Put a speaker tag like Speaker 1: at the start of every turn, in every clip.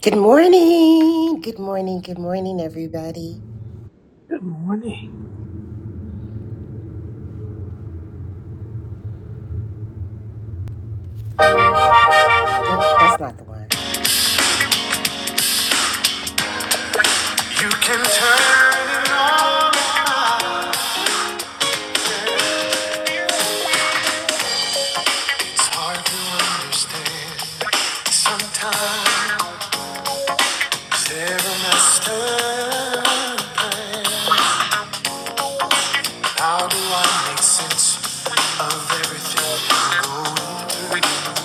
Speaker 1: Good morning. Good morning. Good morning, everybody.
Speaker 2: Good morning.
Speaker 1: Nope, that's not the one. You can turn it on and off. It's hard to understand. Sometimes they're a master plan. How do I make sense of everything I'm going through?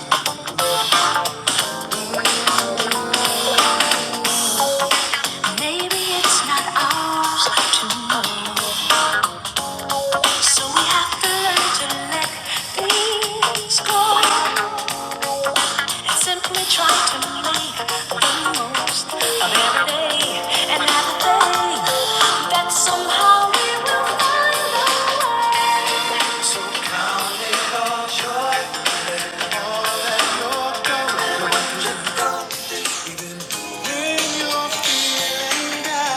Speaker 1: Maybe it's not ours to know. So we have to learn to let things go. I Simply try to make the most of every day and every day. That somehow we will find a way. So count it all joy, all that you're going through. Even when you're feeling down.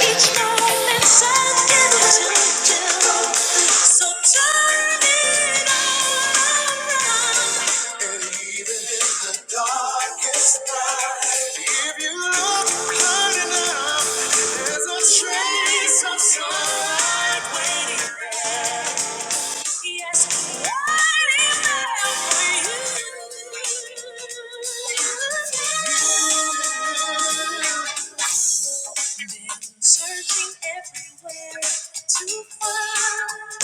Speaker 1: Each moment sun gives you joy. So turn it all around. And even in the darkest night, if you look hard enough, there's a trace of sunlight waiting. Yes, Been searching everywhere to find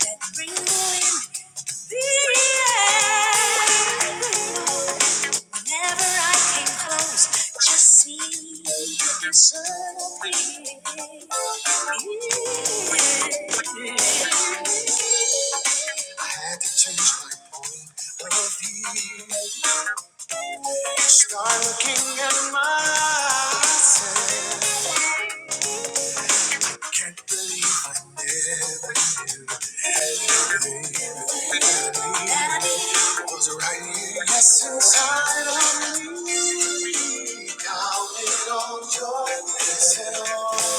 Speaker 1: that ring in the air. Whenever I came close, just seemed to disappear. I could Change my dark looking and mindset. Right essence, I don't doubt it on your face at all.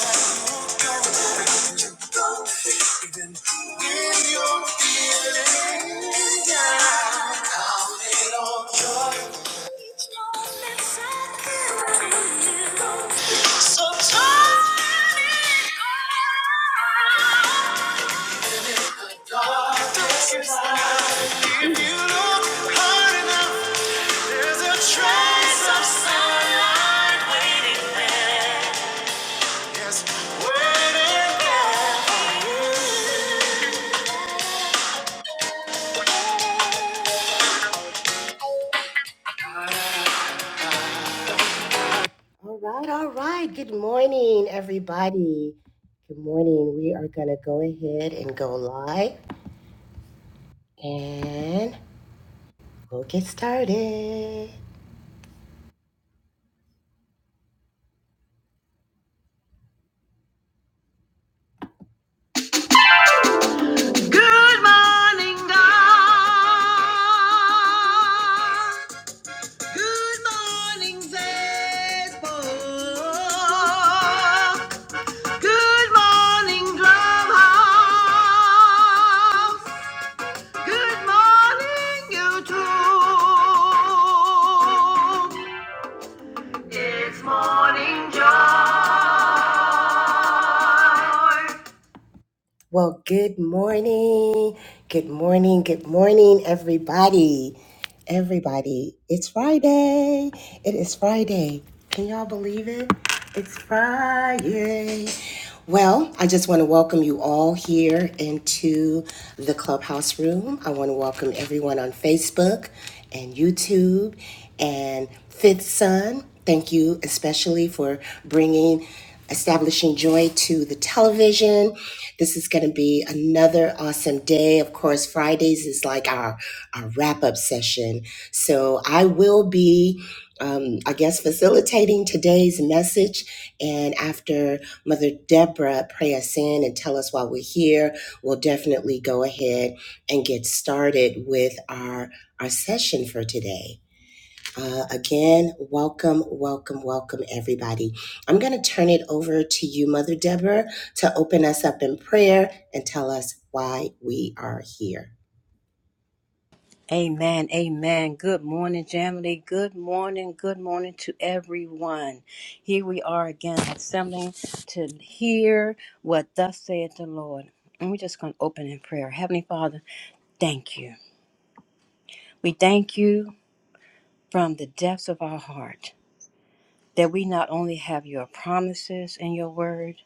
Speaker 1: So turn it If you look hard enough, there's a trace of sunlight. Yes, waiting there. All right, all right. Good morning, everybody. Good morning. We are going to go ahead and go live. and. We'll get started. Good morning, Clubhouse. Good morning, YouTube. It's morning joy. Well, good morning. Good morning. Good morning, everybody. Everybody, it's Friday. It is Friday. Can y'all believe it? It's Friday. Well, I just want to welcome you all here into the clubhouse room. I want to welcome everyone on Facebook and YouTube and Fifth Son. Thank you especially for bringing establishing joy to the television. This is going to be another awesome day. Of course, Fridays is like our, our wrap up session. So I will be, um, I guess, facilitating today's message. And after Mother Deborah pray us in and tell us why we're here, we'll definitely go ahead and get started with our, our session for today. Uh, again, welcome, welcome, welcome, everybody. I'm going to turn it over to you, Mother Deborah, to open us up in prayer and tell us why we are here.
Speaker 3: Amen. Amen. Good morning, Jamily. Good morning. Good morning to everyone. Here we are again assembling to hear what thus saith the Lord. And we're just going to open in prayer. Heavenly Father, thank you. We thank you from the depths of our heart that we not only have your promises and your word,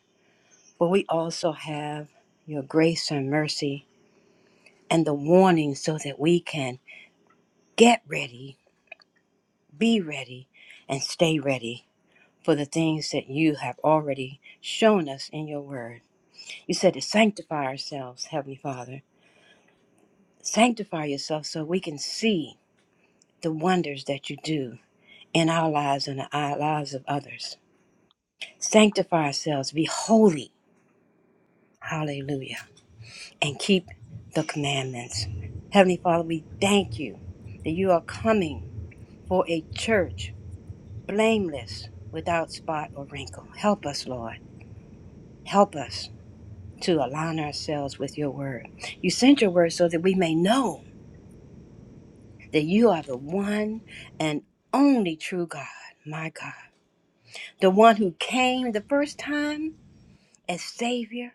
Speaker 3: but we also have your grace and mercy and the warning so that we can get ready, be ready, and stay ready for the things that you have already shown us in your word. You said to sanctify ourselves, Heavenly Father. Sanctify yourself so we can see the wonders that you do in our lives and the lives of others. Sanctify ourselves, be holy, hallelujah, and keep the commandments. Heavenly Father, we thank you that you are coming for a church blameless, without spot or wrinkle. Help us, Lord. Help us. to align ourselves with your word. You sent your word so that we may know that you are the one and only true God, my God, the one who came the first time as Savior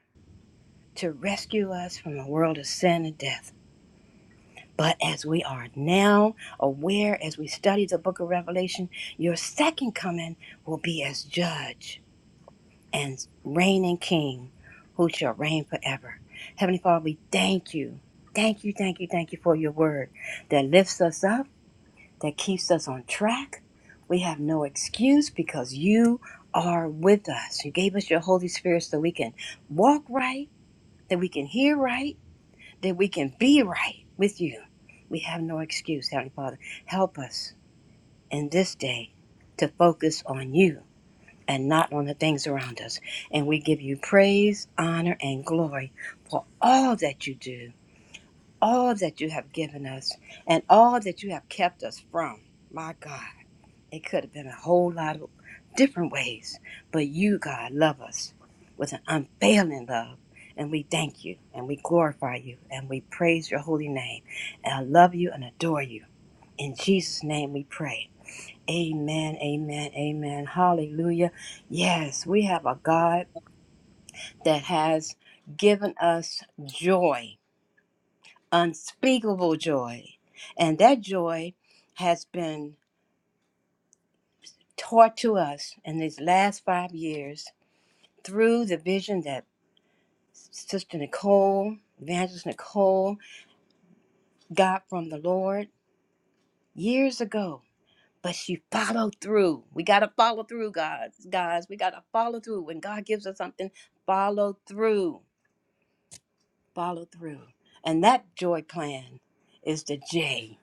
Speaker 3: to rescue us from a world of sin and death. But as we are now aware, as we study the book of Revelation, your second coming will be as judge and reigning King who shall reign forever. Heavenly Father, we thank you. Thank you, thank you, thank you for your word that lifts us up, that keeps us on track. We have no excuse because you are with us. You gave us your Holy Spirit so we can walk right, that we can hear right, that we can be right with you. We have no excuse, Heavenly Father. Help us in this day to focus on you and not on the things around us. And we give you praise, honor, and glory for all that you do, all that you have given us, and all that you have kept us from. My God, it could have been a whole lot of different ways, but you, God, love us with an unfailing love. And we thank you and we glorify you and we praise your holy name. And I love you and adore you. In Jesus' name we pray. Amen, amen, amen. Hallelujah. Yes, we have a God that has given us joy, unspeakable joy. And that joy has been taught to us in these last five years through the vision that Sister Nicole, Evangelist Nicole, got from the Lord years ago. But she followed through. We got to follow through, guys. Guys, we got to follow through. When God gives us something, follow through follow through. And that joy plan is the J.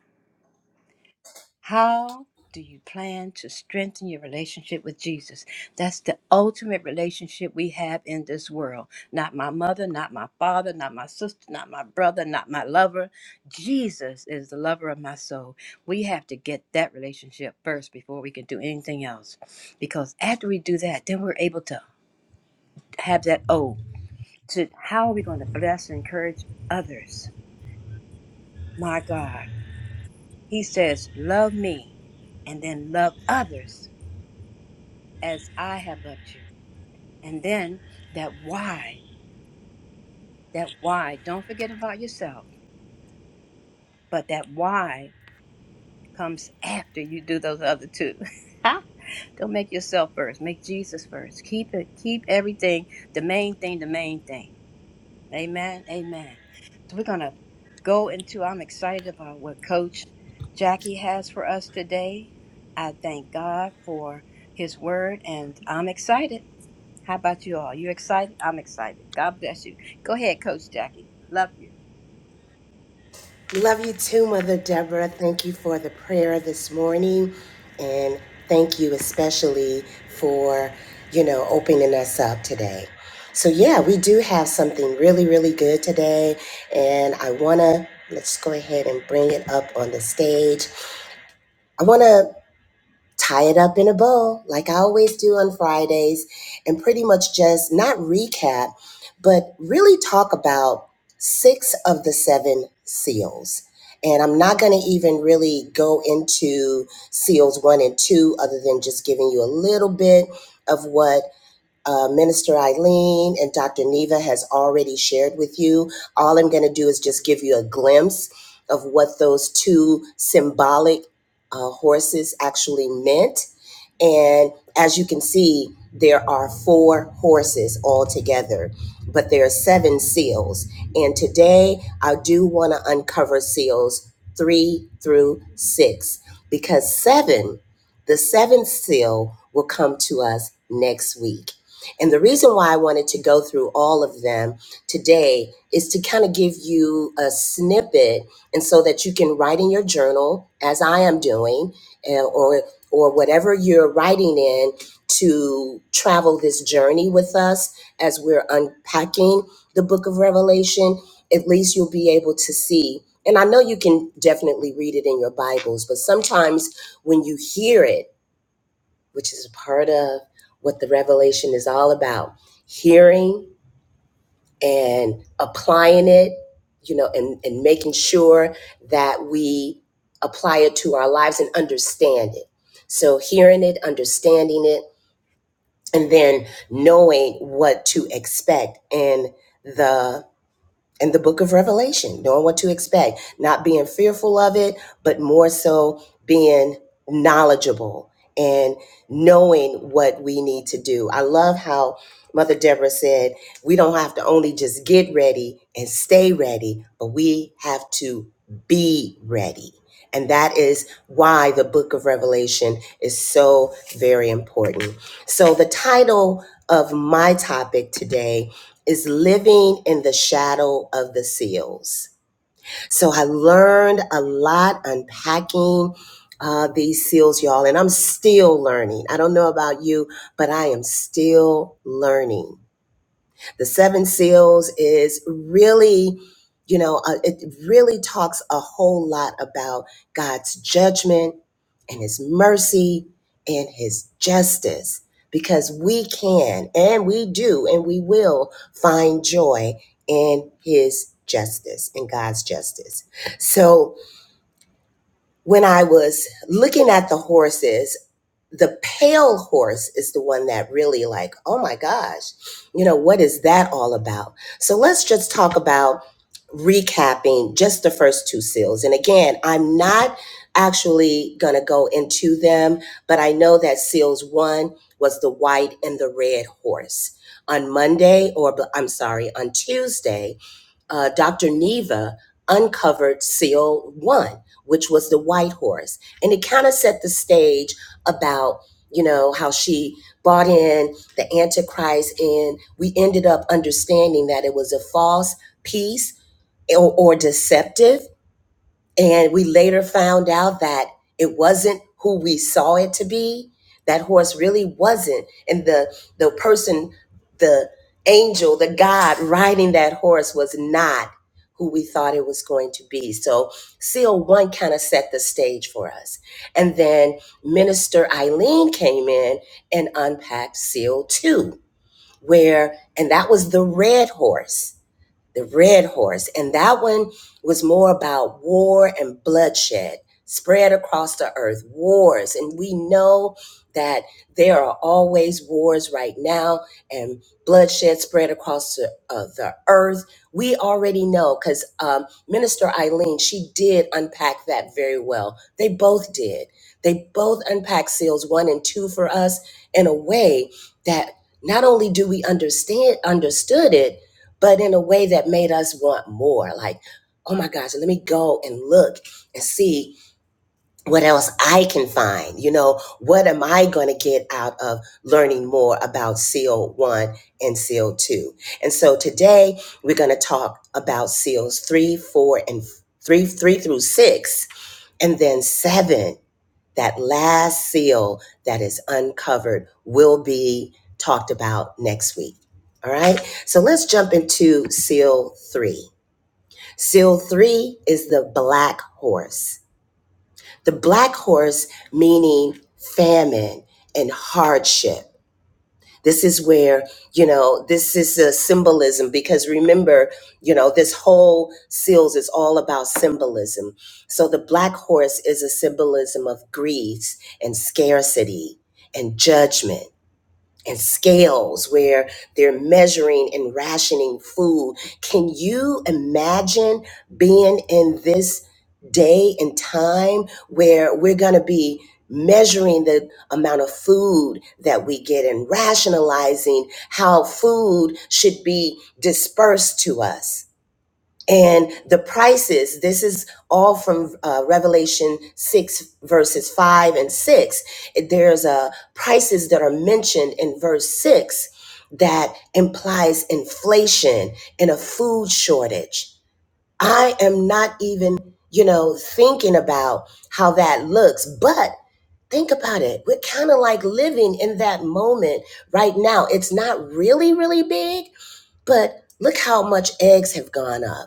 Speaker 3: How do you plan to strengthen your relationship with Jesus? That's the ultimate relationship we have in this world. Not my mother, not my father, not my sister, not my brother, not my lover. Jesus is the lover of my soul. We have to get that relationship first before we can do anything else. Because after we do that, then we're able to have that O. To how are we going to bless and encourage others? My God. He says, Love me and then love others as I have loved you. And then that why, that why, don't forget about yourself, but that why comes after you do those other two. don't make yourself first, make Jesus first. Keep it, keep everything, the main thing, the main thing. Amen. Amen. So we're going to go into, I'm excited about what Coach Jackie has for us today. I thank God for his word and I'm excited. How about you all? You excited? I'm excited. God bless you. Go ahead, Coach Jackie. Love you.
Speaker 1: Love you too, Mother Deborah. Thank you for the prayer this morning. And thank you especially for, you know, opening us up today. So, yeah, we do have something really, really good today. And I want to, let's go ahead and bring it up on the stage. I want to tie it up in a bow, like I always do on Fridays, and pretty much just not recap, but really talk about six of the seven seals. And I'm not going to even really go into seals one and two, other than just giving you a little bit of what uh, Minister Eileen and Dr. Neva has already shared with you. All I'm going to do is just give you a glimpse of what those two symbolic uh, horses actually meant. And as you can see, there are four horses altogether, but there are seven seals. And today I do want to uncover seals three through six because seven, the seventh seal, will come to us next week. And the reason why I wanted to go through all of them today is to kind of give you a snippet and so that you can write in your journal, as I am doing, uh, or or whatever you're writing in to travel this journey with us as we're unpacking the book of Revelation, at least you'll be able to see. And I know you can definitely read it in your Bibles, but sometimes when you hear it, which is a part of what the revelation is all about, hearing and applying it, you know, and, and making sure that we apply it to our lives and understand it. So hearing it, understanding it, and then knowing what to expect and the in the book of Revelation, knowing what to expect, not being fearful of it, but more so being knowledgeable and knowing what we need to do. I love how Mother Deborah said, we don't have to only just get ready and stay ready, but we have to be ready. And that is why the book of Revelation is so very important. So, the title of my topic today is living in the shadow of the seals. So I learned a lot unpacking uh, these seals, y'all, and I'm still learning. I don't know about you, but I am still learning. The Seven Seals is really, you know, uh, it really talks a whole lot about God's judgment and His mercy and His justice because we can and we do and we will find joy in His justice, in God's justice. So when I was looking at the horses, the pale horse is the one that really like oh my gosh you know what is that all about so let's just talk about recapping just the first two seals and again i'm not actually going to go into them but i know that seals one was the white and the red horse on monday or i'm sorry on tuesday uh, Dr. Neva uncovered seal one, which was the white horse. And it kind of set the stage about, you know, how she bought in the Antichrist. And we ended up understanding that it was a false piece or, or deceptive. And we later found out that it wasn't who we saw it to be. That horse really wasn't. And the the person, the angel, the God riding that horse was not who we thought it was going to be. So seal one kind of set the stage for us. And then Minister Eileen came in and unpacked seal two, where and that was the red horse the red horse and that one was more about war and bloodshed spread across the earth wars and we know that there are always wars right now and bloodshed spread across the, uh, the earth we already know because um, minister eileen she did unpack that very well they both did they both unpack seals one and two for us in a way that not only do we understand understood it but in a way that made us want more. Like, oh my gosh, let me go and look and see what else I can find. You know, what am I going to get out of learning more about SEAL1 and SEAL2? And so today we're going to talk about SEALs 3, 4, and 3, 3 through 6, and then 7 that last seal that is uncovered will be talked about next week. All right. So let's jump into seal three. Seal three is the black horse. The black horse meaning famine and hardship. This is where, you know, this is a symbolism because remember, you know, this whole seals is all about symbolism. So the black horse is a symbolism of grief and scarcity and judgment and scales where they're measuring and rationing food. Can you imagine being in this day and time where we're going to be measuring the amount of food that we get and rationalizing how food should be dispersed to us? And the prices, this is all from uh, Revelation 6, verses 5 and 6. There's uh, prices that are mentioned in verse 6 that implies inflation and a food shortage. I am not even, you know, thinking about how that looks, but think about it. We're kind of like living in that moment right now. It's not really, really big, but look how much eggs have gone up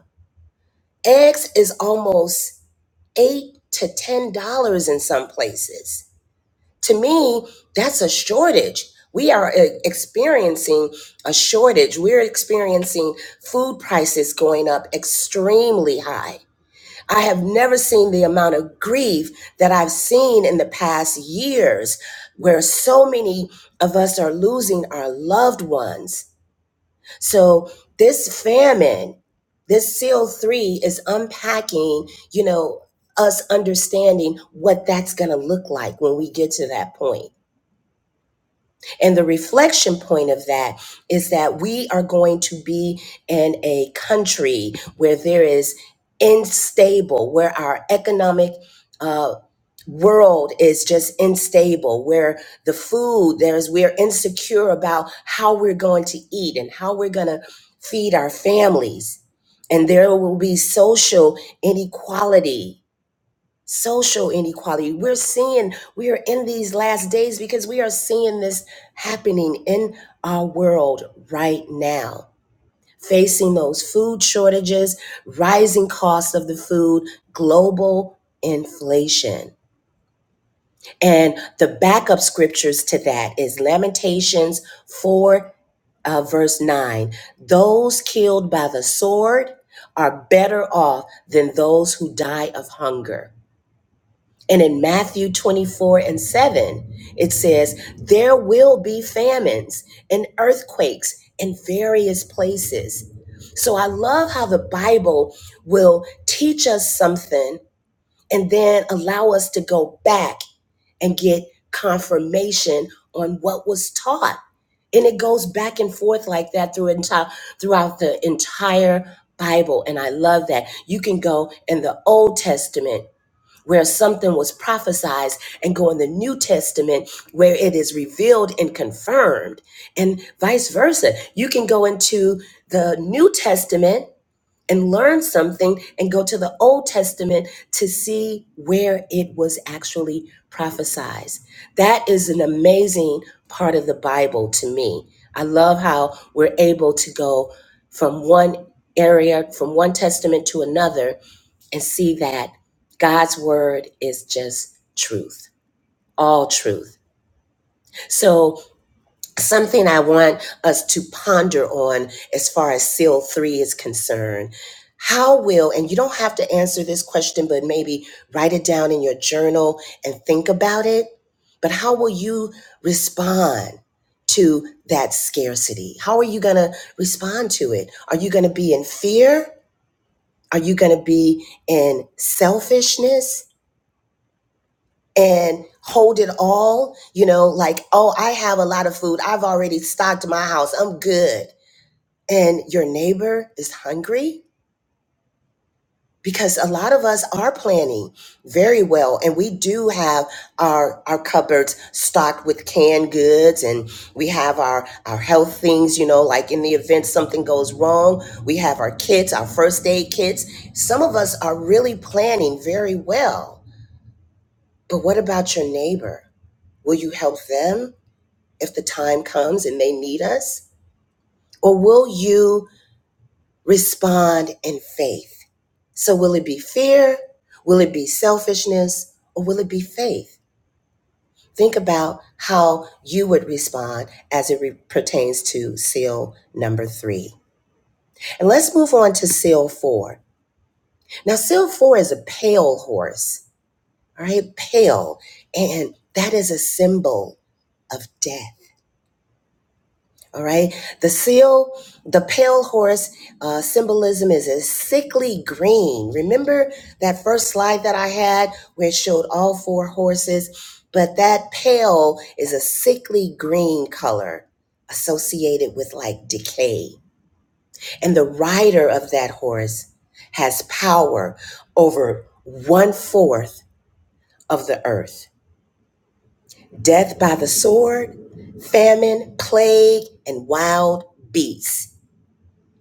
Speaker 1: eggs is almost eight to ten dollars in some places. To me, that's a shortage. We are e- experiencing a shortage. We're experiencing food prices going up extremely high. I have never seen the amount of grief that I've seen in the past years where so many of us are losing our loved ones so this famine, this seal three is unpacking, you know, us understanding what that's going to look like when we get to that point. And the reflection point of that is that we are going to be in a country where there is unstable, where our economic uh, world is just unstable, where the food there's we're insecure about how we're going to eat and how we're going to feed our families. And there will be social inequality social inequality. We're seeing, we are in these last days because we are seeing this happening in our world right now. Facing those food shortages, rising costs of the food, global inflation. And the backup scriptures to that is Lamentations 4, uh, verse 9. Those killed by the sword are better off than those who die of hunger. And in Matthew 24 and 7, it says, There will be famines and earthquakes in various places. So I love how the Bible will teach us something and then allow us to go back and get confirmation on what was taught. And it goes back and forth like that through entire throughout the entire Bible. And I love that. You can go in the Old Testament where something was prophesied and go in the New Testament where it is revealed and confirmed, and vice versa. You can go into the New Testament and learn something and go to the Old Testament to see where it was actually prophesied. That is an amazing part of the Bible to me. I love how we're able to go from one area, from one testament to another, and see that God's word is just truth, all truth. So Something I want us to ponder on as far as SEAL 3 is concerned. How will, and you don't have to answer this question, but maybe write it down in your journal and think about it. But how will you respond to that scarcity? How are you going to respond to it? Are you going to be in fear? Are you going to be in selfishness? and hold it all, you know, like, oh, I have a lot of food. I've already stocked my house. I'm good. And your neighbor is hungry because a lot of us are planning very well and we do have our our cupboards stocked with canned goods and we have our our health things you know like in the event something goes wrong we have our kits our first aid kits some of us are really planning very well but what about your neighbor will you help them if the time comes and they need us? Or will you respond in faith? So, will it be fear? Will it be selfishness? Or will it be faith? Think about how you would respond as it re- pertains to seal number three. And let's move on to seal four. Now, seal four is a pale horse, all right? Pale. And that is a symbol of death. All right. The seal, the pale horse uh, symbolism is a sickly green. Remember that first slide that I had where it showed all four horses? But that pale is a sickly green color associated with like decay. And the rider of that horse has power over one fourth of the earth. Death by the sword, famine, plague, and wild beasts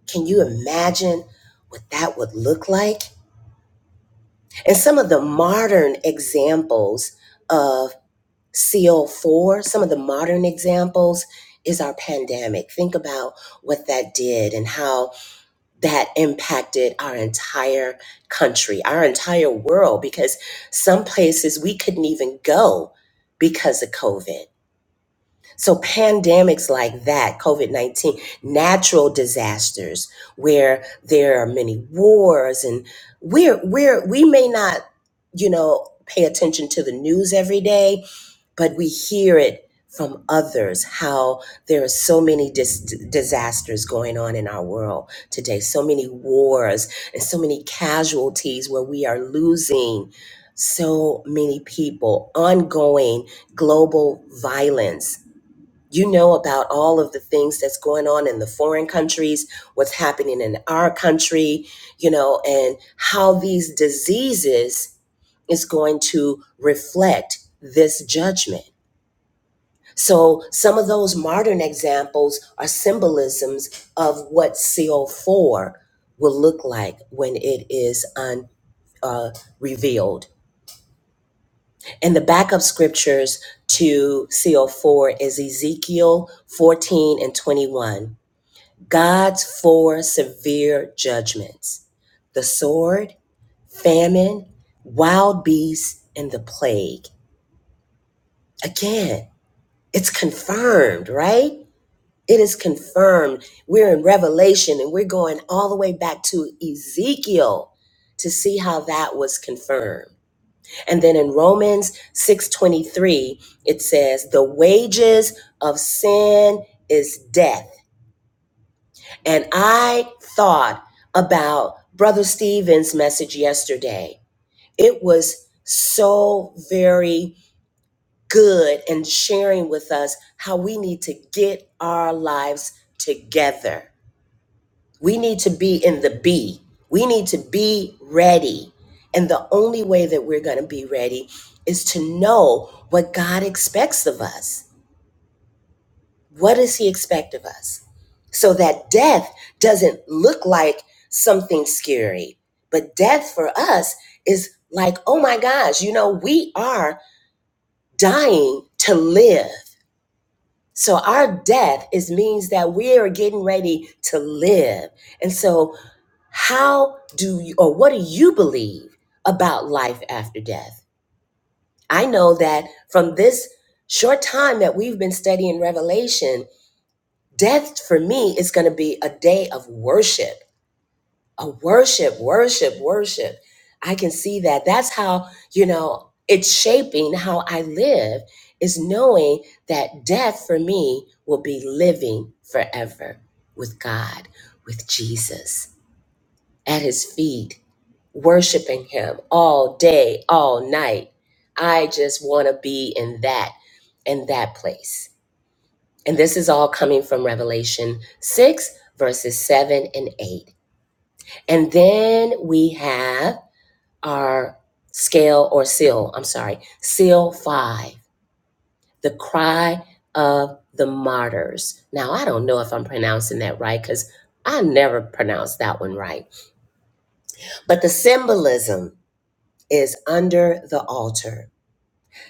Speaker 1: Can you imagine what that would look like? And some of the modern examples of CO4, some of the modern examples is our pandemic. Think about what that did and how that impacted our entire country, our entire world, because some places we couldn't even go because of COVID. So pandemics like that, COVID-19, natural disasters where there are many wars and we're we're we may not, you know, pay attention to the news every day, but we hear it from others how there are so many dis- disasters going on in our world today so many wars and so many casualties where we are losing so many people ongoing global violence you know about all of the things that's going on in the foreign countries, what's happening in our country, you know, and how these diseases is going to reflect this judgment. So some of those modern examples are symbolisms of what CO4 will look like when it is un, uh, revealed. And the backup scriptures to CO4 is Ezekiel 14 and 21. God's four severe judgments the sword, famine, wild beasts, and the plague. Again, it's confirmed, right? It is confirmed. We're in Revelation and we're going all the way back to Ezekiel to see how that was confirmed. And then in Romans 6:23, it says, "The wages of sin is death." And I thought about Brother Stephen's message yesterday. It was so very good and sharing with us how we need to get our lives together. We need to be in the B. We need to be ready. And the only way that we're going to be ready is to know what God expects of us What does he expect of us? So that death doesn't look like something scary, but death for us is like, oh my gosh, you know, we are dying to live. So our death is means that we are getting ready to live. And so how do you or what do you believe about life after death? I know that from this short time that we've been studying Revelation, Death for me is going to be a day of worship, a worship, worship, worship. I can see that. That's how, you know, it's shaping how I live, is knowing that death for me will be living forever with God, with Jesus at his feet, worshiping him all day, all night. I just want to be in that, in that place. And this is all coming from Revelation 6, verses 7 and 8. And then we have our scale or seal, I'm sorry, seal 5, the cry of the martyrs. Now, I don't know if I'm pronouncing that right because I never pronounced that one right. But the symbolism is under the altar,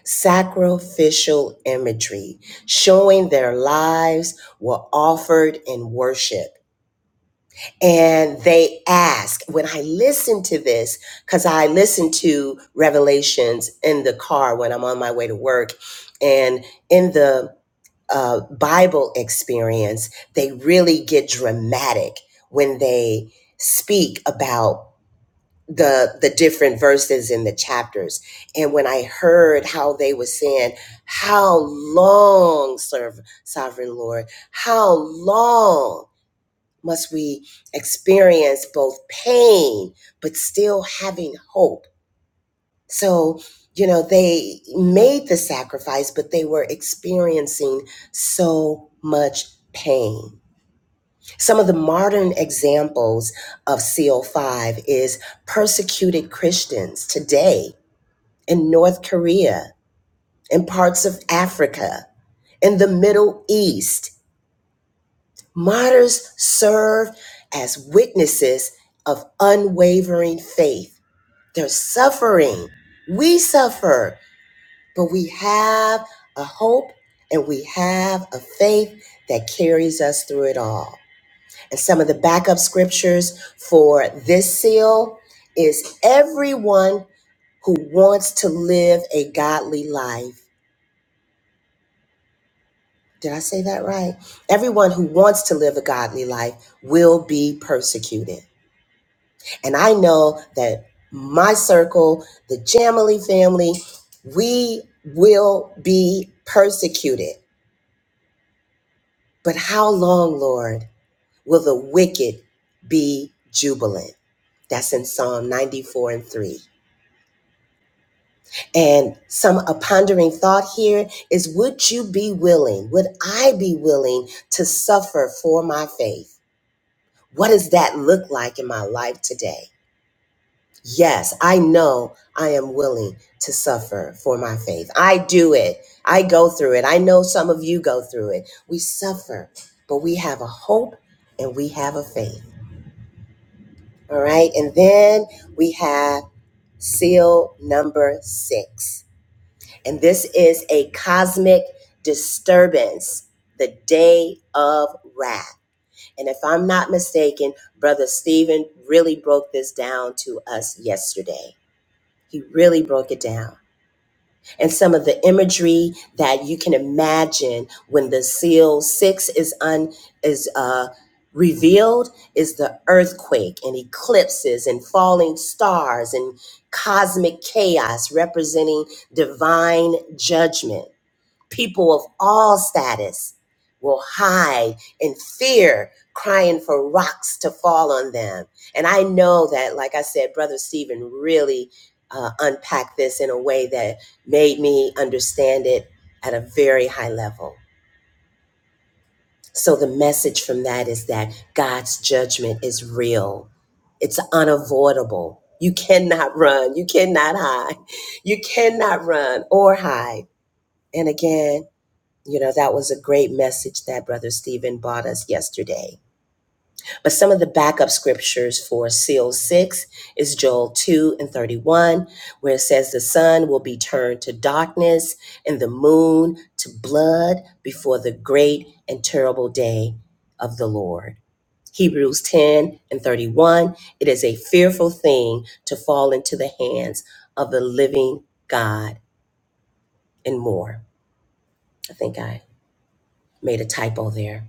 Speaker 1: sacrificial imagery showing their lives were offered in worship and they ask when i listen to this because i listen to revelations in the car when i'm on my way to work and in the uh, bible experience they really get dramatic when they speak about the the different verses in the chapters and when i heard how they were saying how long serve sovereign lord how long must we experience both pain but still having hope so you know they made the sacrifice but they were experiencing so much pain some of the modern examples of CO5 is persecuted Christians today in North Korea, in parts of Africa, in the Middle East, Martyrs serve as witnesses of unwavering faith. They're suffering. We suffer, but we have a hope and we have a faith that carries us through it all. And some of the backup scriptures for this seal is everyone who wants to live a godly life. Did I say that right? Everyone who wants to live a godly life will be persecuted. And I know that my circle, the Jamily family, we will be persecuted. But how long, Lord, will the wicked be jubilant? That's in Psalm 94 and 3. And some a pondering thought here is would you be willing, would I be willing to suffer for my faith? What does that look like in my life today? Yes, I know I am willing to suffer for my faith. I do it. I go through it. I know some of you go through it. We suffer, but we have a hope and we have a faith. All right. And then we have seal number six. And this is a cosmic disturbance, the day of wrath. And if I'm not mistaken, Brother Stephen really broke this down to us yesterday. He really broke it down. And some of the imagery that you can imagine when the seal six is un is uh revealed is the earthquake and eclipses and falling stars and cosmic chaos representing divine judgment people of all status will hide in fear crying for rocks to fall on them and i know that like i said brother stephen really uh, unpacked this in a way that made me understand it at a very high level so the message from that is that god's judgment is real it's unavoidable you cannot run you cannot hide you cannot run or hide and again you know, that was a great message that Brother Stephen brought us yesterday. But some of the backup scriptures for seal 6 is Joel 2 and 31, where it says, The sun will be turned to darkness and the moon to blood before the great and terrible day of the Lord. Hebrews 10 and 31, it is a fearful thing to fall into the hands of the living God and more. I think I made a typo there.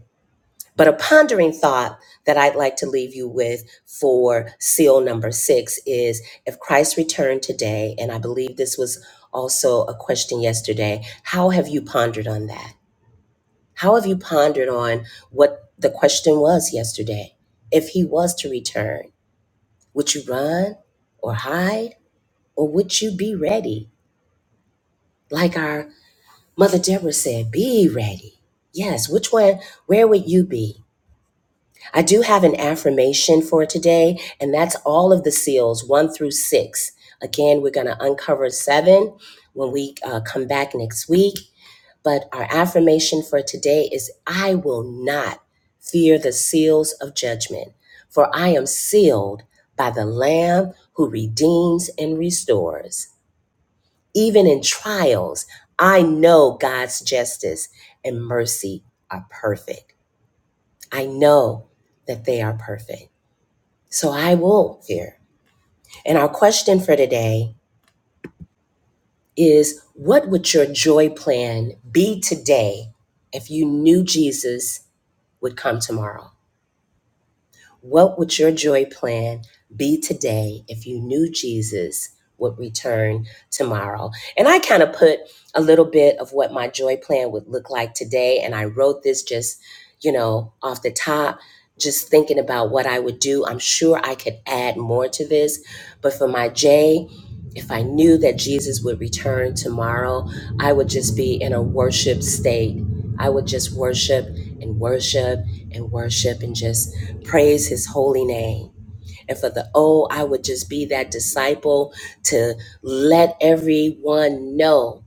Speaker 1: But a pondering thought that I'd like to leave you with for seal number six is if Christ returned today, and I believe this was also a question yesterday, how have you pondered on that? How have you pondered on what the question was yesterday? If he was to return, would you run or hide? Or would you be ready? Like our mother Deborah said, be ready. Yes, which one, where would you be? I do have an affirmation for today, and that's all of the seals, one through six. Again, we're going to uncover seven when we uh, come back next week. But our affirmation for today is I will not fear the seals of judgment, for I am sealed by the Lamb who redeems and restores. Even in trials, I know God's justice and mercy are perfect. I know that they are perfect. So I will fear. And our question for today is what would your joy plan be today if you knew Jesus would come tomorrow? What would your joy plan be today if you knew Jesus would return tomorrow? And I kind of put a little bit of what my joy plan would look like today. And I wrote this just, you know, off the top, just thinking about what I would do. I'm sure I could add more to this. But for my J, if I knew that Jesus would return tomorrow, I would just be in a worship state. I would just worship and worship and worship and just praise his holy name. And for the O, I would just be that disciple to let everyone know,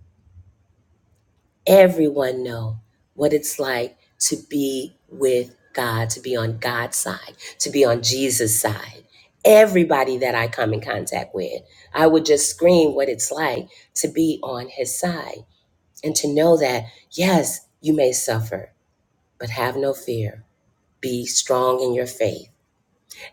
Speaker 1: everyone know what it's like to be with God, to be on God's side, to be on Jesus' side. Everybody that I come in contact with, I would just scream what it's like to be on his side and to know that, yes, you may suffer, but have no fear. Be strong in your faith.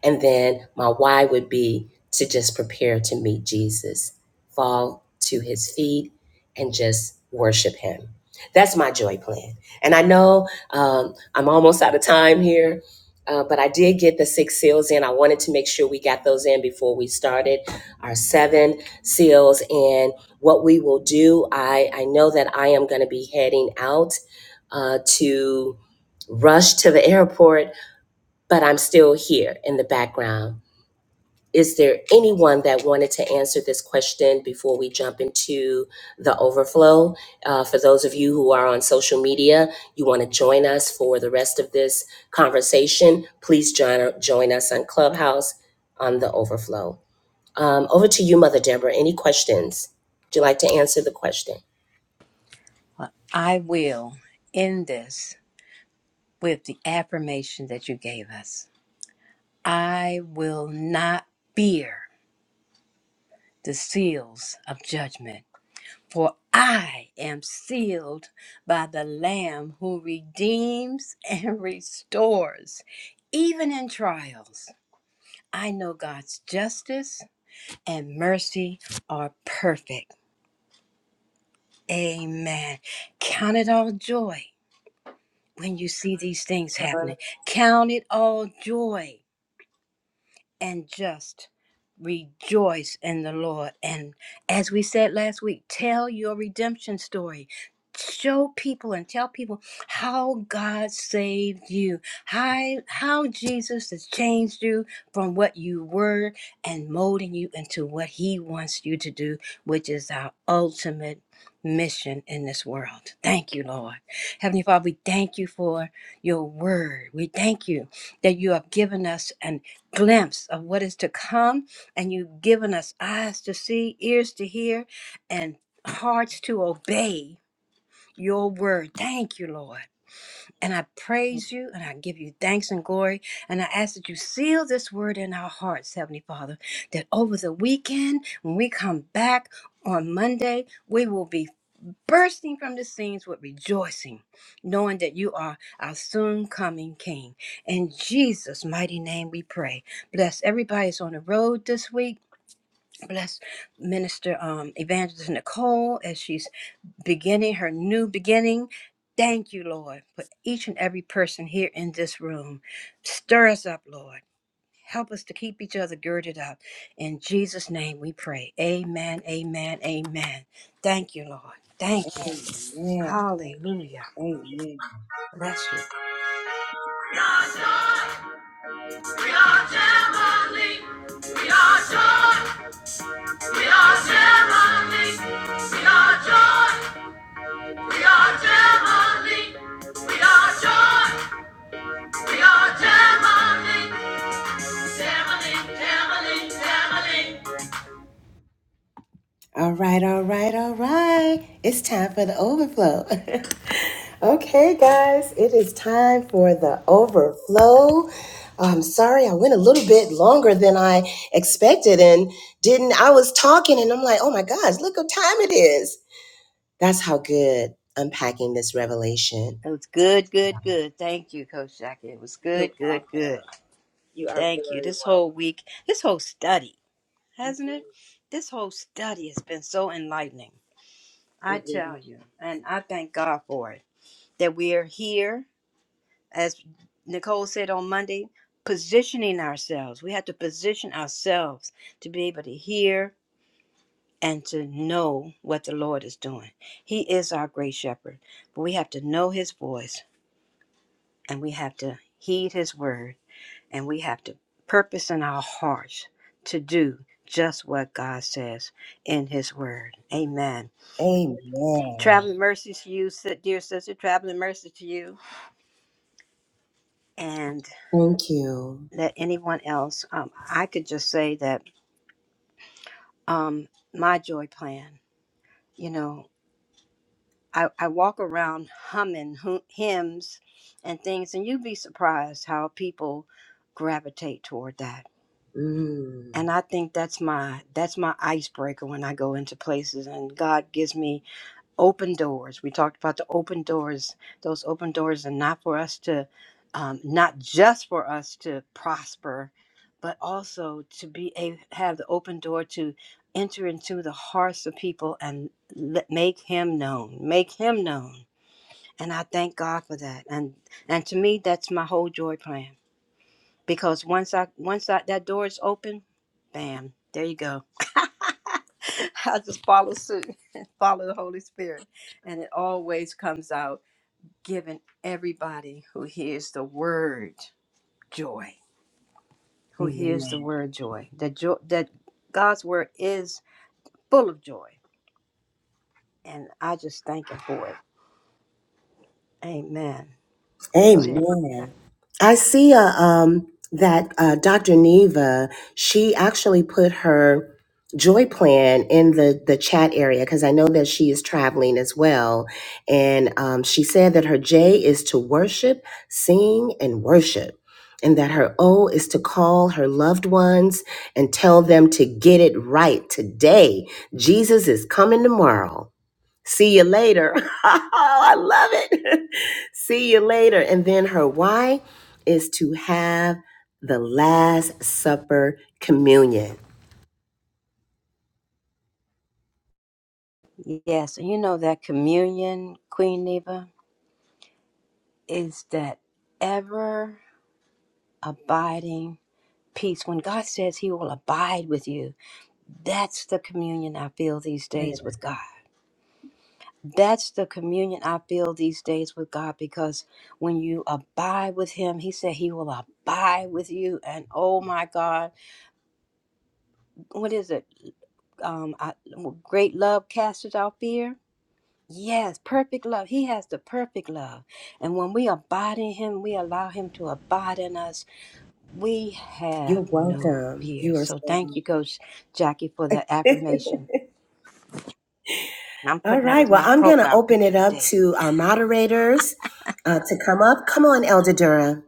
Speaker 1: And then my why would be to just prepare to meet Jesus, fall to his feet, and just worship him. That's my joy plan. And I know um, I'm almost out of time here, uh, but I did get the six seals in. I wanted to make sure we got those in before we started our seven seals. And what we will do, I, I know that I am going to be heading out uh, to rush to the airport but I'm still here in the background. Is there anyone that wanted to answer this question before we jump into the overflow? Uh, for those of you who are on social media, you want to join us for the rest of this conversation, please join, join us on Clubhouse on the overflow. Um, over to you, Mother Deborah. Any questions? Would you like to answer the question?
Speaker 3: I will end this with the affirmation that you gave us. I will not fear the seals of judgment For I am sealed by the Lamb who redeems and restores, even in trials. I know God's justice and mercy are perfect. Amen. Count it all joy when you see these things
Speaker 1: Karen?
Speaker 3: happening. Count it all joy and just rejoice in the Lord. And as we said last week, tell your redemption story. Show people and tell people how God saved you, how, how Jesus has changed you from what you were and molding you into what He wants you to do, which is our ultimate mission in this world. Thank you, Lord. Heavenly Father, we thank you for your word. We thank you that you have given us an glimpse of what is to come, and you've given us eyes to see, ears to hear, and hearts to obey your word. Thank you, Lord. And I praise you and I give you thanks and glory. And I ask that you seal this word in our hearts, Heavenly Father, that over the weekend, when we come back on Monday, we will be bursting from the scenes with rejoicing, knowing that you are our soon coming King. In Jesus' mighty name we pray. Bless everybody that's on the road this week. Bless Minister um, Evangelist Nicole as she's beginning her new beginning. Thank you, Lord, for each and every person here in this room. Stir us up, Lord. Help us to keep each other girded up. In Jesus' name we pray. Amen, amen, amen. Thank you, Lord. Thank you. Hallelujah. Bless you.
Speaker 1: We are joy. We are family. We are joy. We are Gemini. We are joy. We are Gemini. We are joy. We are Gemini. Gemini, Gemini, Gemini. All right, all right, all right. It's time for the overflow. okay, guys, it is time for the overflow. I'm sorry, I went a little bit longer than I expected and didn't. I was talking and I'm like, oh my gosh, look what time it is. That's how good unpacking this revelation.
Speaker 3: It was good, good, good. Thank you, Coach Jackie. It was
Speaker 1: You're
Speaker 3: good, good,
Speaker 1: welcome.
Speaker 3: good.
Speaker 1: You are
Speaker 3: Thank you.
Speaker 1: very
Speaker 3: This whole
Speaker 1: welcome.
Speaker 3: week, this whole study, hasn't it? This whole study has been so enlightening. I
Speaker 1: Mhm.
Speaker 3: tell
Speaker 1: Again,
Speaker 3: you, and I thank God for it. That we are here, as Nicole said on Monday, positioning ourselves. We have to position ourselves to be able to hear and to know what the Lord is doing. He is our great shepherd, but we have to know his voice. and we have to heed his word and we have to purpose in our hearts to do just what God says in his word. Amen. Traveling mercies to you, si- dear sister, traveling mercy to you. And
Speaker 1: Thank you.
Speaker 3: let anyone else, um, I could just say that um, my joy plan, you know, I, I walk around humming hu- hymns and things, and you'd be surprised how people gravitate toward that
Speaker 1: Mm.
Speaker 3: and I think that's my that's my icebreaker when I go into places and God gives me open doors. We talked about the open doors. Those open doors are not for us to um, not just for us to prosper, but also to be a have the open door to enter into the hearts of people and let, make him known. Make him known. And I thank God for that. And and to me that's my whole joy plan because once I once I, that door is open, bam, there you go I just follow suit, follow the Holy Spirit. And it always comes out giving everybody who hears the word joy, who hears
Speaker 1: Amen.
Speaker 3: the word joy, that, joy, that God's word is full of joy. And I just thank Him for it. Amen. Go ahead.
Speaker 1: Amen. I see uh, um, that uh, Dr. Neva, she actually put her joy plan in the, the chat area because I know that she is traveling as well. And um, she said that her J is to worship, sing, and worship. And that her O is to call her loved ones and tell them to get it right today. Jesus is coming tomorrow. See you later. Oh, I love it. See you later. And then her why is to have the Last Supper communion.
Speaker 3: Yes, and you know that communion, Queen Neva, is that ever abiding peace. When God says He will abide with you, That's the communion I feel these days with God. That's the communion I feel these days with God because when you abide with Him, He said He will abide with you. And oh my God, what is it? Um, I, great love casteth out fear. Yes, perfect love. He has the perfect love. And when we abide in Him, we allow Him to abide in us. We
Speaker 1: You're
Speaker 3: have no
Speaker 1: welcome.
Speaker 3: fear.
Speaker 1: You are so
Speaker 3: So thank you,
Speaker 1: welcome.
Speaker 3: Coach Jackie, for that affirmation. I'm
Speaker 1: All
Speaker 3: putting that
Speaker 1: right.
Speaker 3: as
Speaker 1: Well,
Speaker 3: my
Speaker 1: I'm going to
Speaker 3: profile
Speaker 1: open
Speaker 3: picture
Speaker 1: it up
Speaker 3: today.
Speaker 1: to our moderators uh, to come up. Come on, Elder Durham.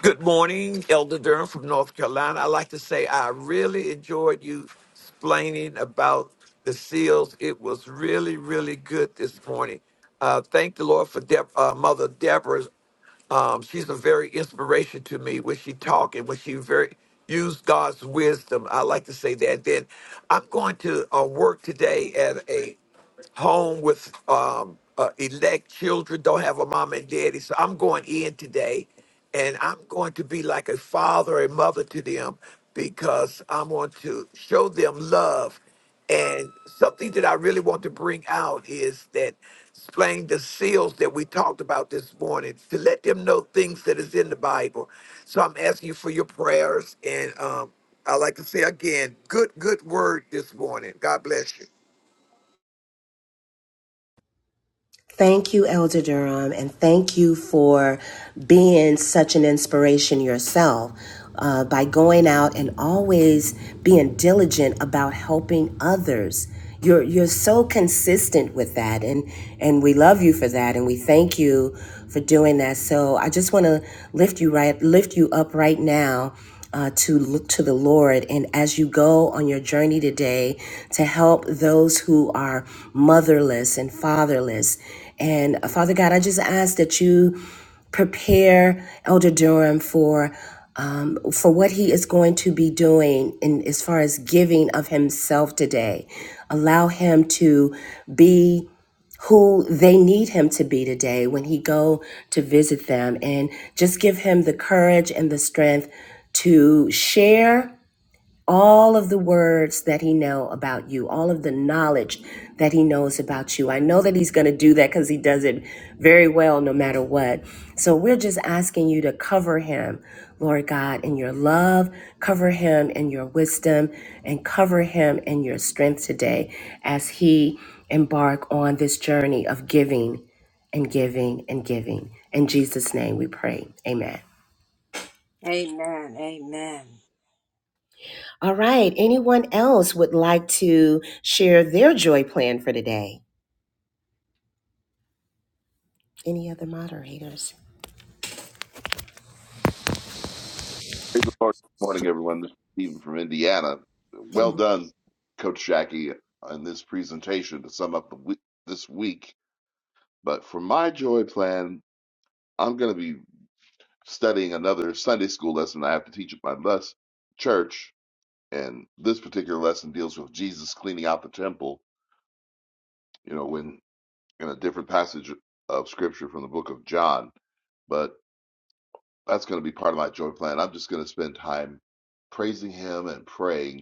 Speaker 4: Good morning, Elder Durham from North Carolina. I'd like to say I really enjoyed you explaining about the seals. It was really, really good this morning. Uh, thank the Lord for Deb uh, Mother Deborah. Um, she's a very inspiration to me when she talk and when she very used God's wisdom. I like to say that. Then I'm going to uh, work today at a home with um, uh, elect children, don't have a mom and daddy. So I'm going in today and I'm going to be like a father and mother to them because I want to show them love. And something that I really want to bring out is that explain the seals that we talked about this morning to let them know things that is in the Bible. So I'm asking you for your prayers. And um, I like to say again, good, good word this morning. God bless you.
Speaker 1: Thank you, Elder Durham, and thank you for being such an inspiration yourself uh, by going out and always being diligent about helping others. You're you're so consistent with that, and and we love you for that, and we thank you for doing that. So I just want to lift you right lift you up right now uh, to look to the Lord. And as you go on your journey today to help those who are motherless and fatherless. And uh, Father God, I just ask that you prepare Elder Durham for. Um, for what he is going to be doing in as far as giving of himself today allow him to be who they need him to be today when he go to visit them and just give him the courage and the strength to share all of the words that he know about you all of the knowledge that he knows about you i know that he's going to do that because he does it very well no matter what so we're just asking you to cover him lord god in your love cover him in your wisdom and cover him in your strength today as he embark on this journey of giving and giving and giving in jesus name we pray amen
Speaker 3: Amen. Amen.
Speaker 1: All right. Anyone else would like to share their joy plan for today? Any other moderators?
Speaker 5: Praise the Lord. Good morning, everyone. This is Stephen from Indiana. Well done, Coach Jackie, on this presentation to sum up the week, this week. But for my joy plan, I'm going to be studying another Sunday school lesson I have to teach at my bus church. And this particular lesson deals with Jesus cleaning out the temple, you know, when in a different passage of scripture from the book of John. But that's going to be part of my joy plan. I'm just going to spend time praising him and praying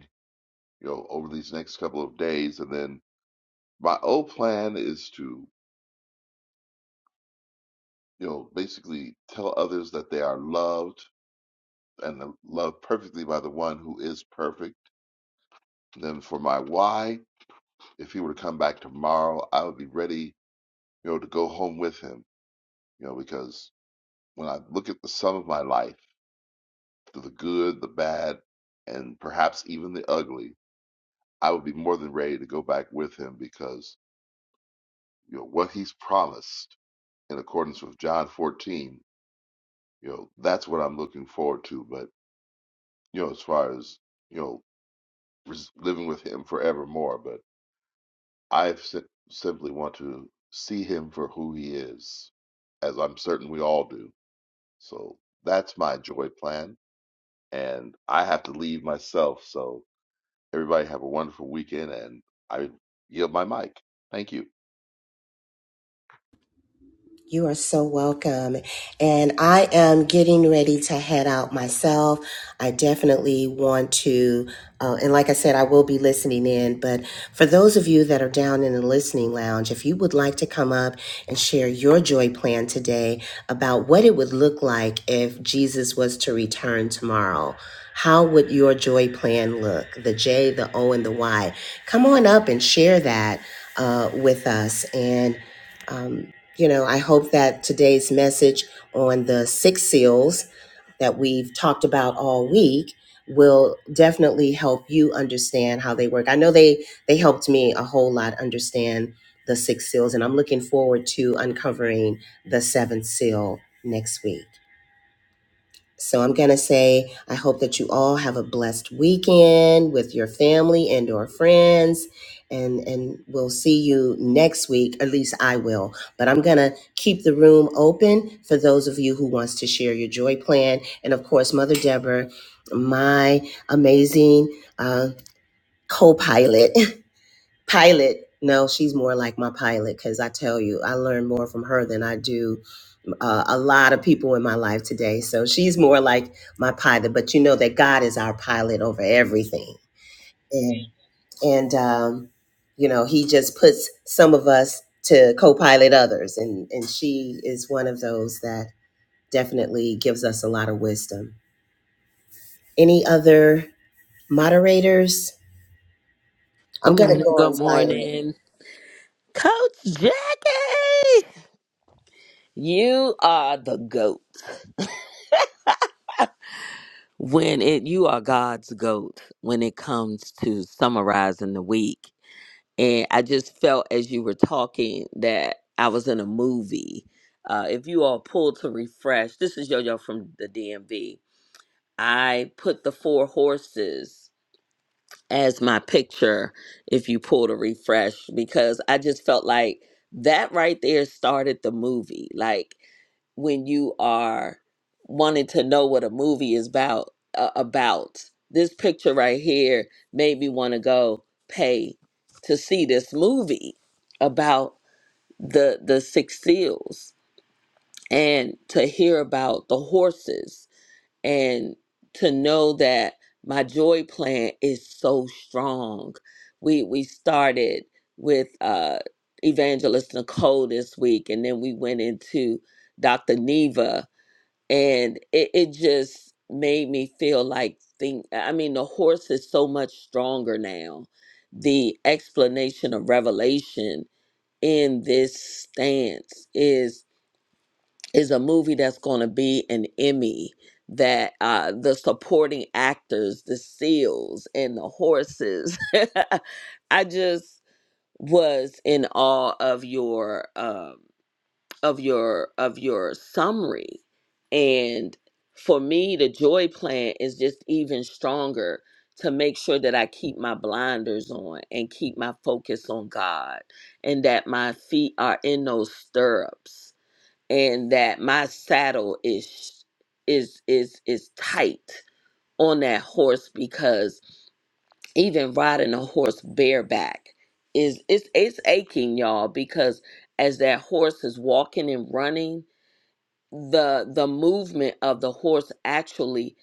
Speaker 5: you know, over these next couple of days. And then my old plan is to, you know, basically tell others that they are loved and are loved perfectly by the one who is perfect. And then for my why, if he were to come back tomorrow, I would be ready, you know, to go home with him, you know, because when I look at the sum of my life, the good, the bad, and perhaps even the ugly, I would be more than ready to go back with him because, you know, what he's promised in accordance with John 14 you know that's what I'm looking forward to. But you know, as far as you know, res- living with him forevermore. But I si- simply want to see him for who he is, as I'm certain we all do. So that's my joy plan, and I have to leave myself. So everybody have a wonderful weekend, and I yield my mic. Thank you.
Speaker 1: You are so welcome. And I am getting ready to head out myself. I definitely want to, uh, and like I said, I will be listening in. But for those of you that are down in the listening lounge, if you would like to come up and share your joy plan today about what it would look like if Jesus was to return tomorrow. How would your joy plan look? The J, the O, and the Y. Come on up and share that uh, with us. And um, you know, I hope that today's message on the six seals that we've talked about all week will definitely help you understand how they work. I know they they helped me a whole lot understand the six seals and I'm looking forward to uncovering the seventh seal next week. So I'm going to say, I hope that you all have a blessed weekend with your family and or friends. And, and we'll see you next week. At least I will. But I'm going to keep the room open for those of you who wants to share your joy plan. And of course, Mother Deborah, my amazing uh, co-pilot, pilot. No, she's more like my pilot because I tell you, I learn more from her than I do uh, a lot of people in my life today. So she's more like my pilot, but you know that God is our pilot over everything. And, and um, you know, he just puts some of us to co pilot others. And, and she is one of those that definitely gives us a lot of wisdom. Any other moderators? I'm
Speaker 6: Good
Speaker 1: going to
Speaker 6: morning.
Speaker 1: go on
Speaker 6: Good
Speaker 1: silent.
Speaker 6: morning. Coach Jackie, you are the GOAT. When it you are God's GOAT when it comes to summarizing the week. And I just felt as you were talking that I was in a movie. Uh, if you all pull to refresh, this is Yo Yo from the DMV. I put the four horses as my picture if you pull to refresh because I just felt like that right there started the movie. Like when you are wanting to know what a movie is about uh, about this picture right here made me want to go pay to see this movie about the the six seals and to hear about the horses and to know that my joy plan is so strong. We we started with uh evangelist Nicole this week and then we went into Dr. Neva and it, it just made me feel like think I mean the horse is so much stronger now. The explanation of revelation in this stance is is a movie that's going to be an Emmy that uh the supporting actors the seals and the horses i just was in awe of your um of your of your summary and for me the joy plan is just even stronger to make sure that i keep my blinders on and keep my focus on god and that my feet are in those stirrups and that my saddle is is is is tight on that horse because even riding a horse bareback is it's it's aching y'all because as that horse is walking and running the the movement of the horse actually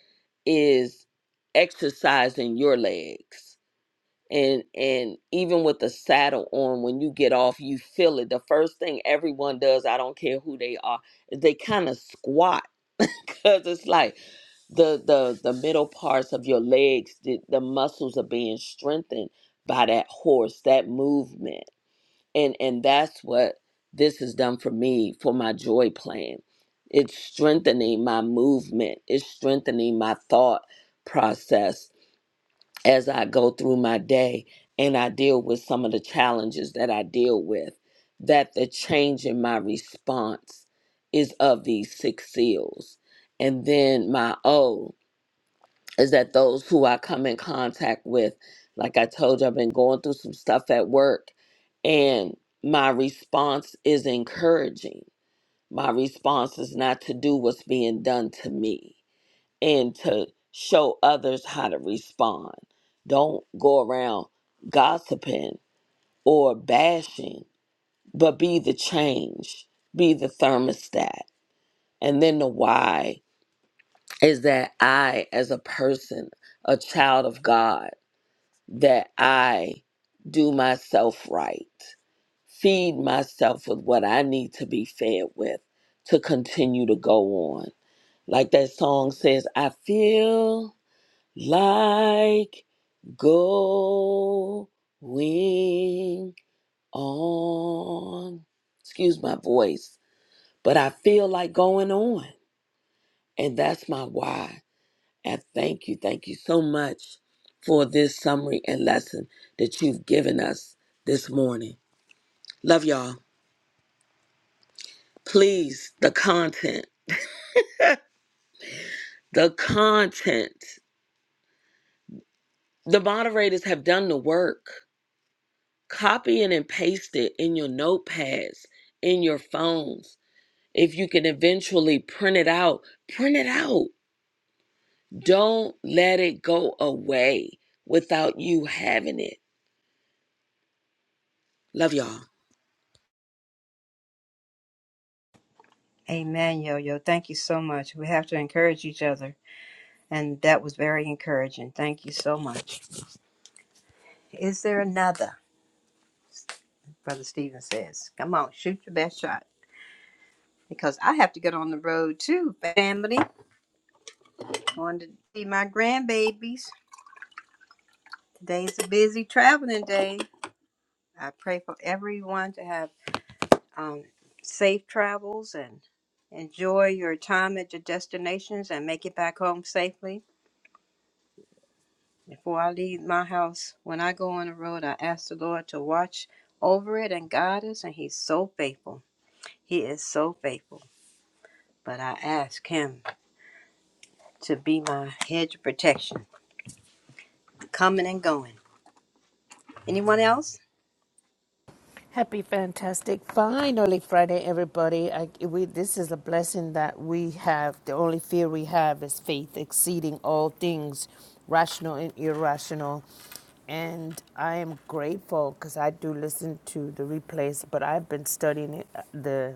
Speaker 6: is exercising your legs and and even with the saddle on when you get off you feel it the first thing everyone does i don't care who they are is they kind of squat because it's like the the the middle parts of your legs the, the muscles are being strengthened by that horse that movement and and that's what this has done for me for my joy plan it's strengthening my movement it's strengthening my thought process as I go through my day and I deal with some of the challenges that I deal with, that the change in my response is of these six seals. And then my O is that those who I come in contact with, like I told you, I've been going through some stuff at work, and my response is encouraging. My response is not to do what's being done to me and to show others how to respond. Don't go around gossiping or bashing, but be the change, be the thermostat. And then the why is that I, as a person, a child of God, that I do myself right, feed myself with what I need to be fed with to continue to go on. Like that song says, I feel like going on. Excuse my voice, but I feel like going on. And that's my why. And thank you, thank you so much for this summary and lesson that you've given us this morning. Love y'all. Please, the content, the content. The moderators have done the work. Copy it and paste it in your notepads, in your phones if you can eventually print it out, print it out. Don't let it go away without you having it. Love y'all.
Speaker 3: Amen, Yo Yo. Thank you so much. We have to encourage each other. And that was very encouraging. Thank you so much. Is there another? Brother Stephen says, Come on, shoot your best shot. Because I have to get on the road too, family. Going to see my grandbabies. Today's a busy traveling day. I pray for everyone to have um, safe travels and enjoy your time at your destinations and make it back home safely. Before I leave my house, when I go on the road, I ask the Lord to watch over it and guide us, and He's so faithful. He is so faithful. But I ask Him to be my hedge of protection, coming and going. Anyone else?
Speaker 7: Happy, fantastic, finally Friday, everybody. I, we, this is a blessing that we have. The only fear we have is faith exceeding all things, rational and irrational. And I am grateful because I do listen to the replays, but I've been studying it, uh, the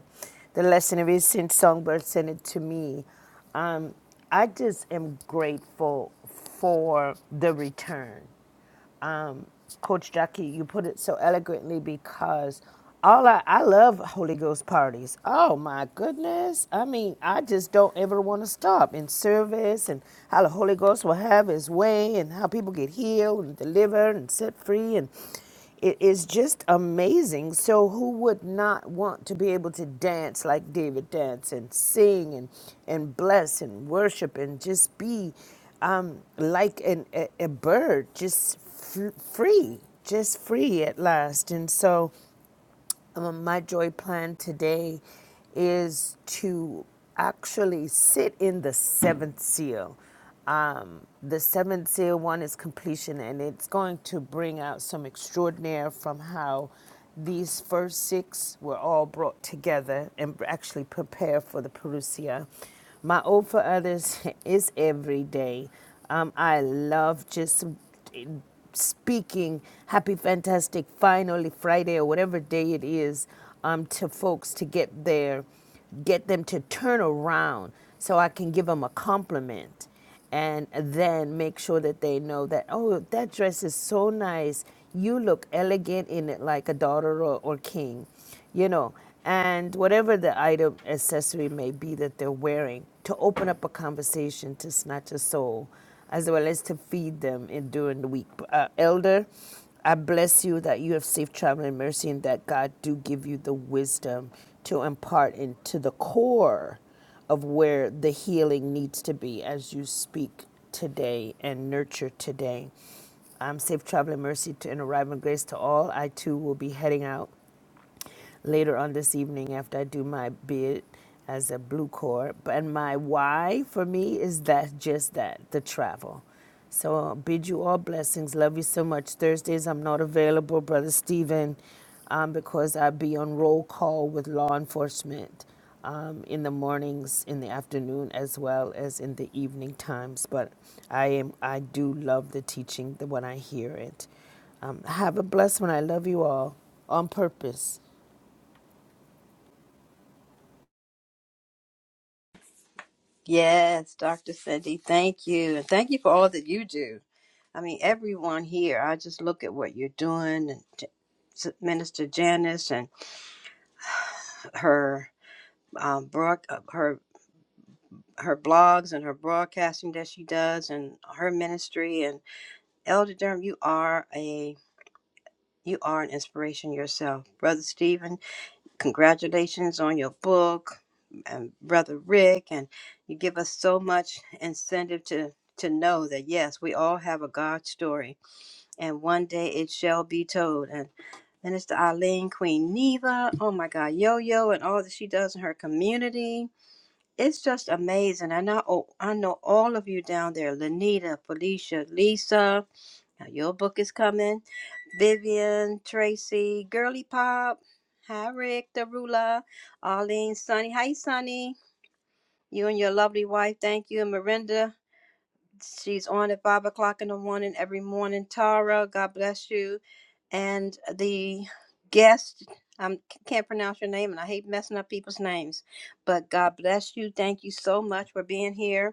Speaker 7: the lesson ever since Songbird sent it to me. Um, I just am grateful for the return um, Coach Jackie, you put it so eloquently because all I, I love Holy Ghost parties. Oh my goodness. I mean, I just don't ever want to stop in service and how the Holy Ghost will have his way and how people get healed and delivered and set free. And it is just amazing. So who would not want to be able to dance like David danced and sing and, and bless and worship and just be um, like an, a, a bird, just f- free, just free at last. And so um, my joy plan today is to actually sit in the seventh seal. Um, the seventh seal one is completion, and it's going to bring out some extraordinaire from how these first six were all brought together and actually prepare for the Perusia. My O for others is every day. Um, I love just speaking happy fantastic finally friday or whatever day it is um, to folks to get there, get them to turn around so i can give them a compliment and then make sure that they know that oh that dress is so nice you look elegant in it like a daughter or, or king you know, and whatever the item accessory may be that they're wearing, to open up a conversation to snatch a soul, as well as to feed them in during the week. Uh, elder, I bless you that you have safe travel and mercy, and that God do give you the wisdom to impart into the core of where the healing needs to be as you speak today and nurture today. I'm safe travel and mercy to, and arriving grace to all. I too will be heading out later on this evening after I do my bid as a blue core. But and my why for me is that just that the travel. So I bid you all blessings. Love you so much. Thursdays I'm not available, brother Stephen, um, because I be on roll call with law enforcement um, in the mornings, in the afternoon, as well as in the evening times. But I am I do love the teaching the, when I hear it. Um, have a blessed one. I love you all on purpose.
Speaker 3: Yes, Dr. Cindy, thank you. And thank you for all that you do. I mean, everyone here, I just look at what you're doing and J- S- Minister Janice and her um, broad, uh, her her blogs and her broadcasting that she does and her ministry and Elder Durham, you are a you are an inspiration yourself, Brother Stephen. congratulations on your book and brother rick and you give us so much incentive to to know that yes we all have a god story and one day it shall be told and Minister it's eileen queen neva oh my god yo yo and all that she does in her community it's just amazing and i know i know all of you down there lanita felicia lisa now your book is coming. Vivian, Tracy, Girly Pop, hi Rick, Darula, Arlene, Sunny. Hi Sunny. You and your lovely wife, thank you. And Miranda, she's on at five o'clock in the morning every morning. Tara, God bless you. And the guest, I can't pronounce your name and I hate messing up people's names, but God bless you. Thank you so much for being here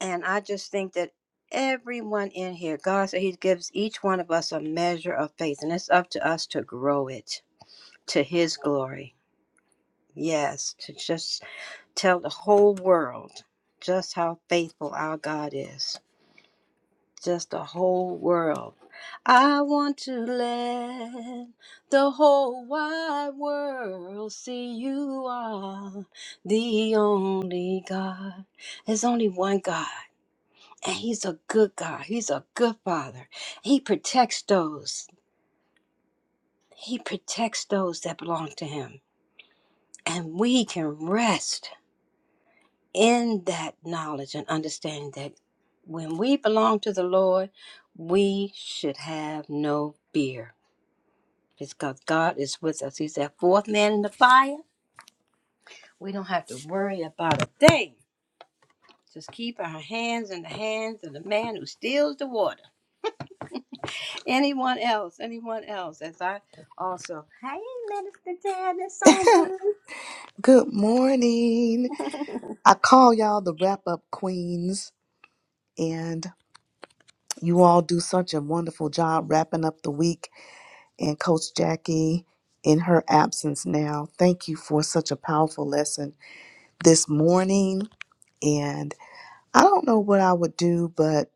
Speaker 3: and I just think that everyone in here, God said He gives each one of us a measure of faith, and it's up to us to grow it to His glory. Yes, to just tell the whole world just how faithful our God is. Just the whole world. I want to let the whole wide world see you are the only God. There's only one God. And he's a good God. He's a good father. He protects those. He protects those that belong to him. And we can rest in that knowledge and understanding that when we belong to the Lord, we should have no fear. It's Because God is with us. He's that fourth man in the fire. We don't have to worry about a thing. Just keep our hands in the hands of the man who steals the water. Anyone else? Anyone else? As I also, hey, Minister Janice Songbird.
Speaker 8: Good morning. I call y'all the wrap up queens, and you all do such a wonderful job wrapping up the week. And Coach Jackie, in her absence now, thank you for such a powerful lesson this morning. And I don't know what I would do, but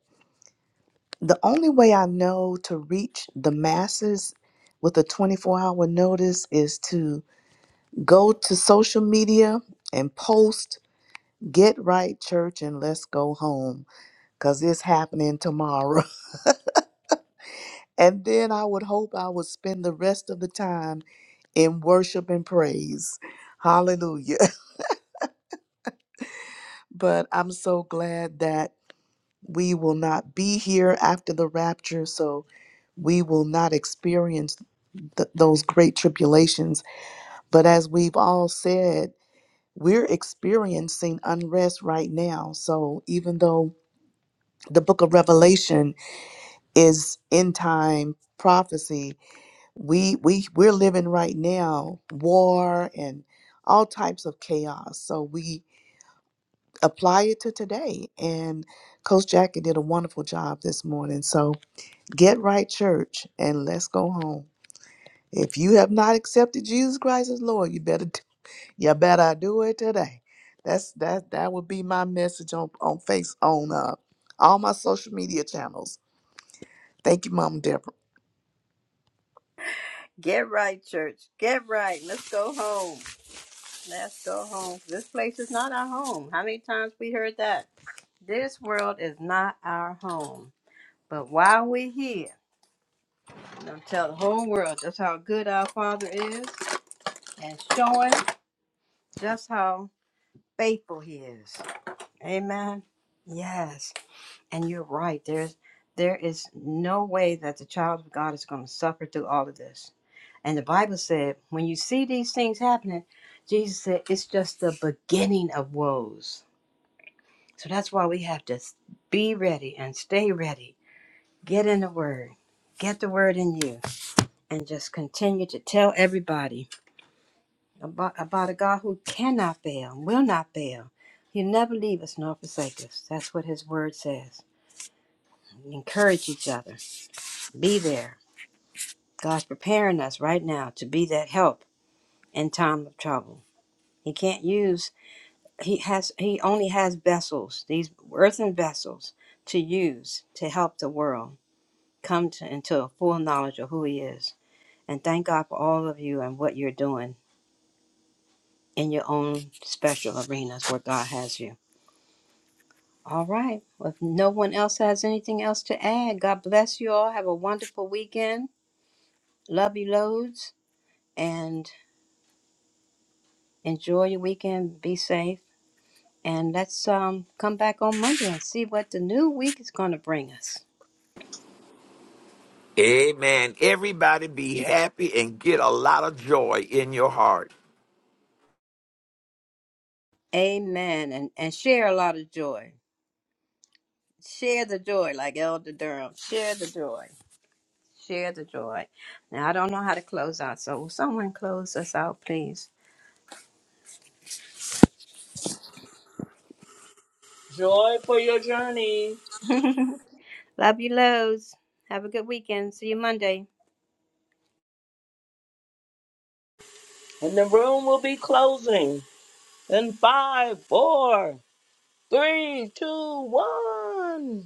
Speaker 8: the only way I know to reach the masses with a 24 hour notice is to go to social media and post, get right, church, and let's go home because it's happening tomorrow. And then I would hope I would spend the rest of the time in worship and praise. Hallelujah. But I'm so glad that we will not be here after the rapture. So we will not experience th- those great tribulations. But as we've all said, we're experiencing unrest right now. So even though the book of Revelation is end time prophecy, we we we're living right now war and all types of chaos so we apply it to today and coach jackie did a wonderful job this morning so get right church and let's go home if you have not accepted jesus christ as lord you better d- you better do it today that's that that would be my message on on face on uh all my social media channels thank you mom Deborah.
Speaker 3: Get right, church. Get right. Let's go home. Let's go home. This place is not our home. How many times we heard that? This world is not our home. But while we're here, I'm gonna tell the whole world just how good our Father is and showing just how faithful He is. Amen. Yes. And you're right. There's there is no way that the child of God is going to suffer through all of this. And the Bible said, when you see these things happening, Jesus said it's just the beginning of woes. So that's why we have to be ready and stay ready. Get in the word. Get the word in you and just continue to tell everybody about, about a God who cannot fail, will not fail. He'll never leave us nor forsake us. That's what his word says. Encourage each other. Be there God's preparing us right now to be that help in time of trouble. He can't use he has he only has vessels, these earthen vessels to use to help the world come to into a full knowledge of who he is. And thank God for all of you and what you're doing in your own special arenas where God has you. All right. Well, if no one else has anything else to add, God bless you all. Have a wonderful weekend. Love you loads and enjoy your weekend. Be safe And let's um, come back on Monday and see what the new week is going to bring us.
Speaker 4: Amen. Everybody be happy and get a lot of joy in your heart.
Speaker 3: Amen. And, and share a lot of joy. Share the joy, like Elder Durham. Share the joy. Share the joy. Now, I don't know how to close out, so will someone close us out, please?
Speaker 6: Joy for your journey.
Speaker 3: Love you, loads. Have a good weekend. See you Monday.
Speaker 6: And the room will be closing in five, four, three, two, one.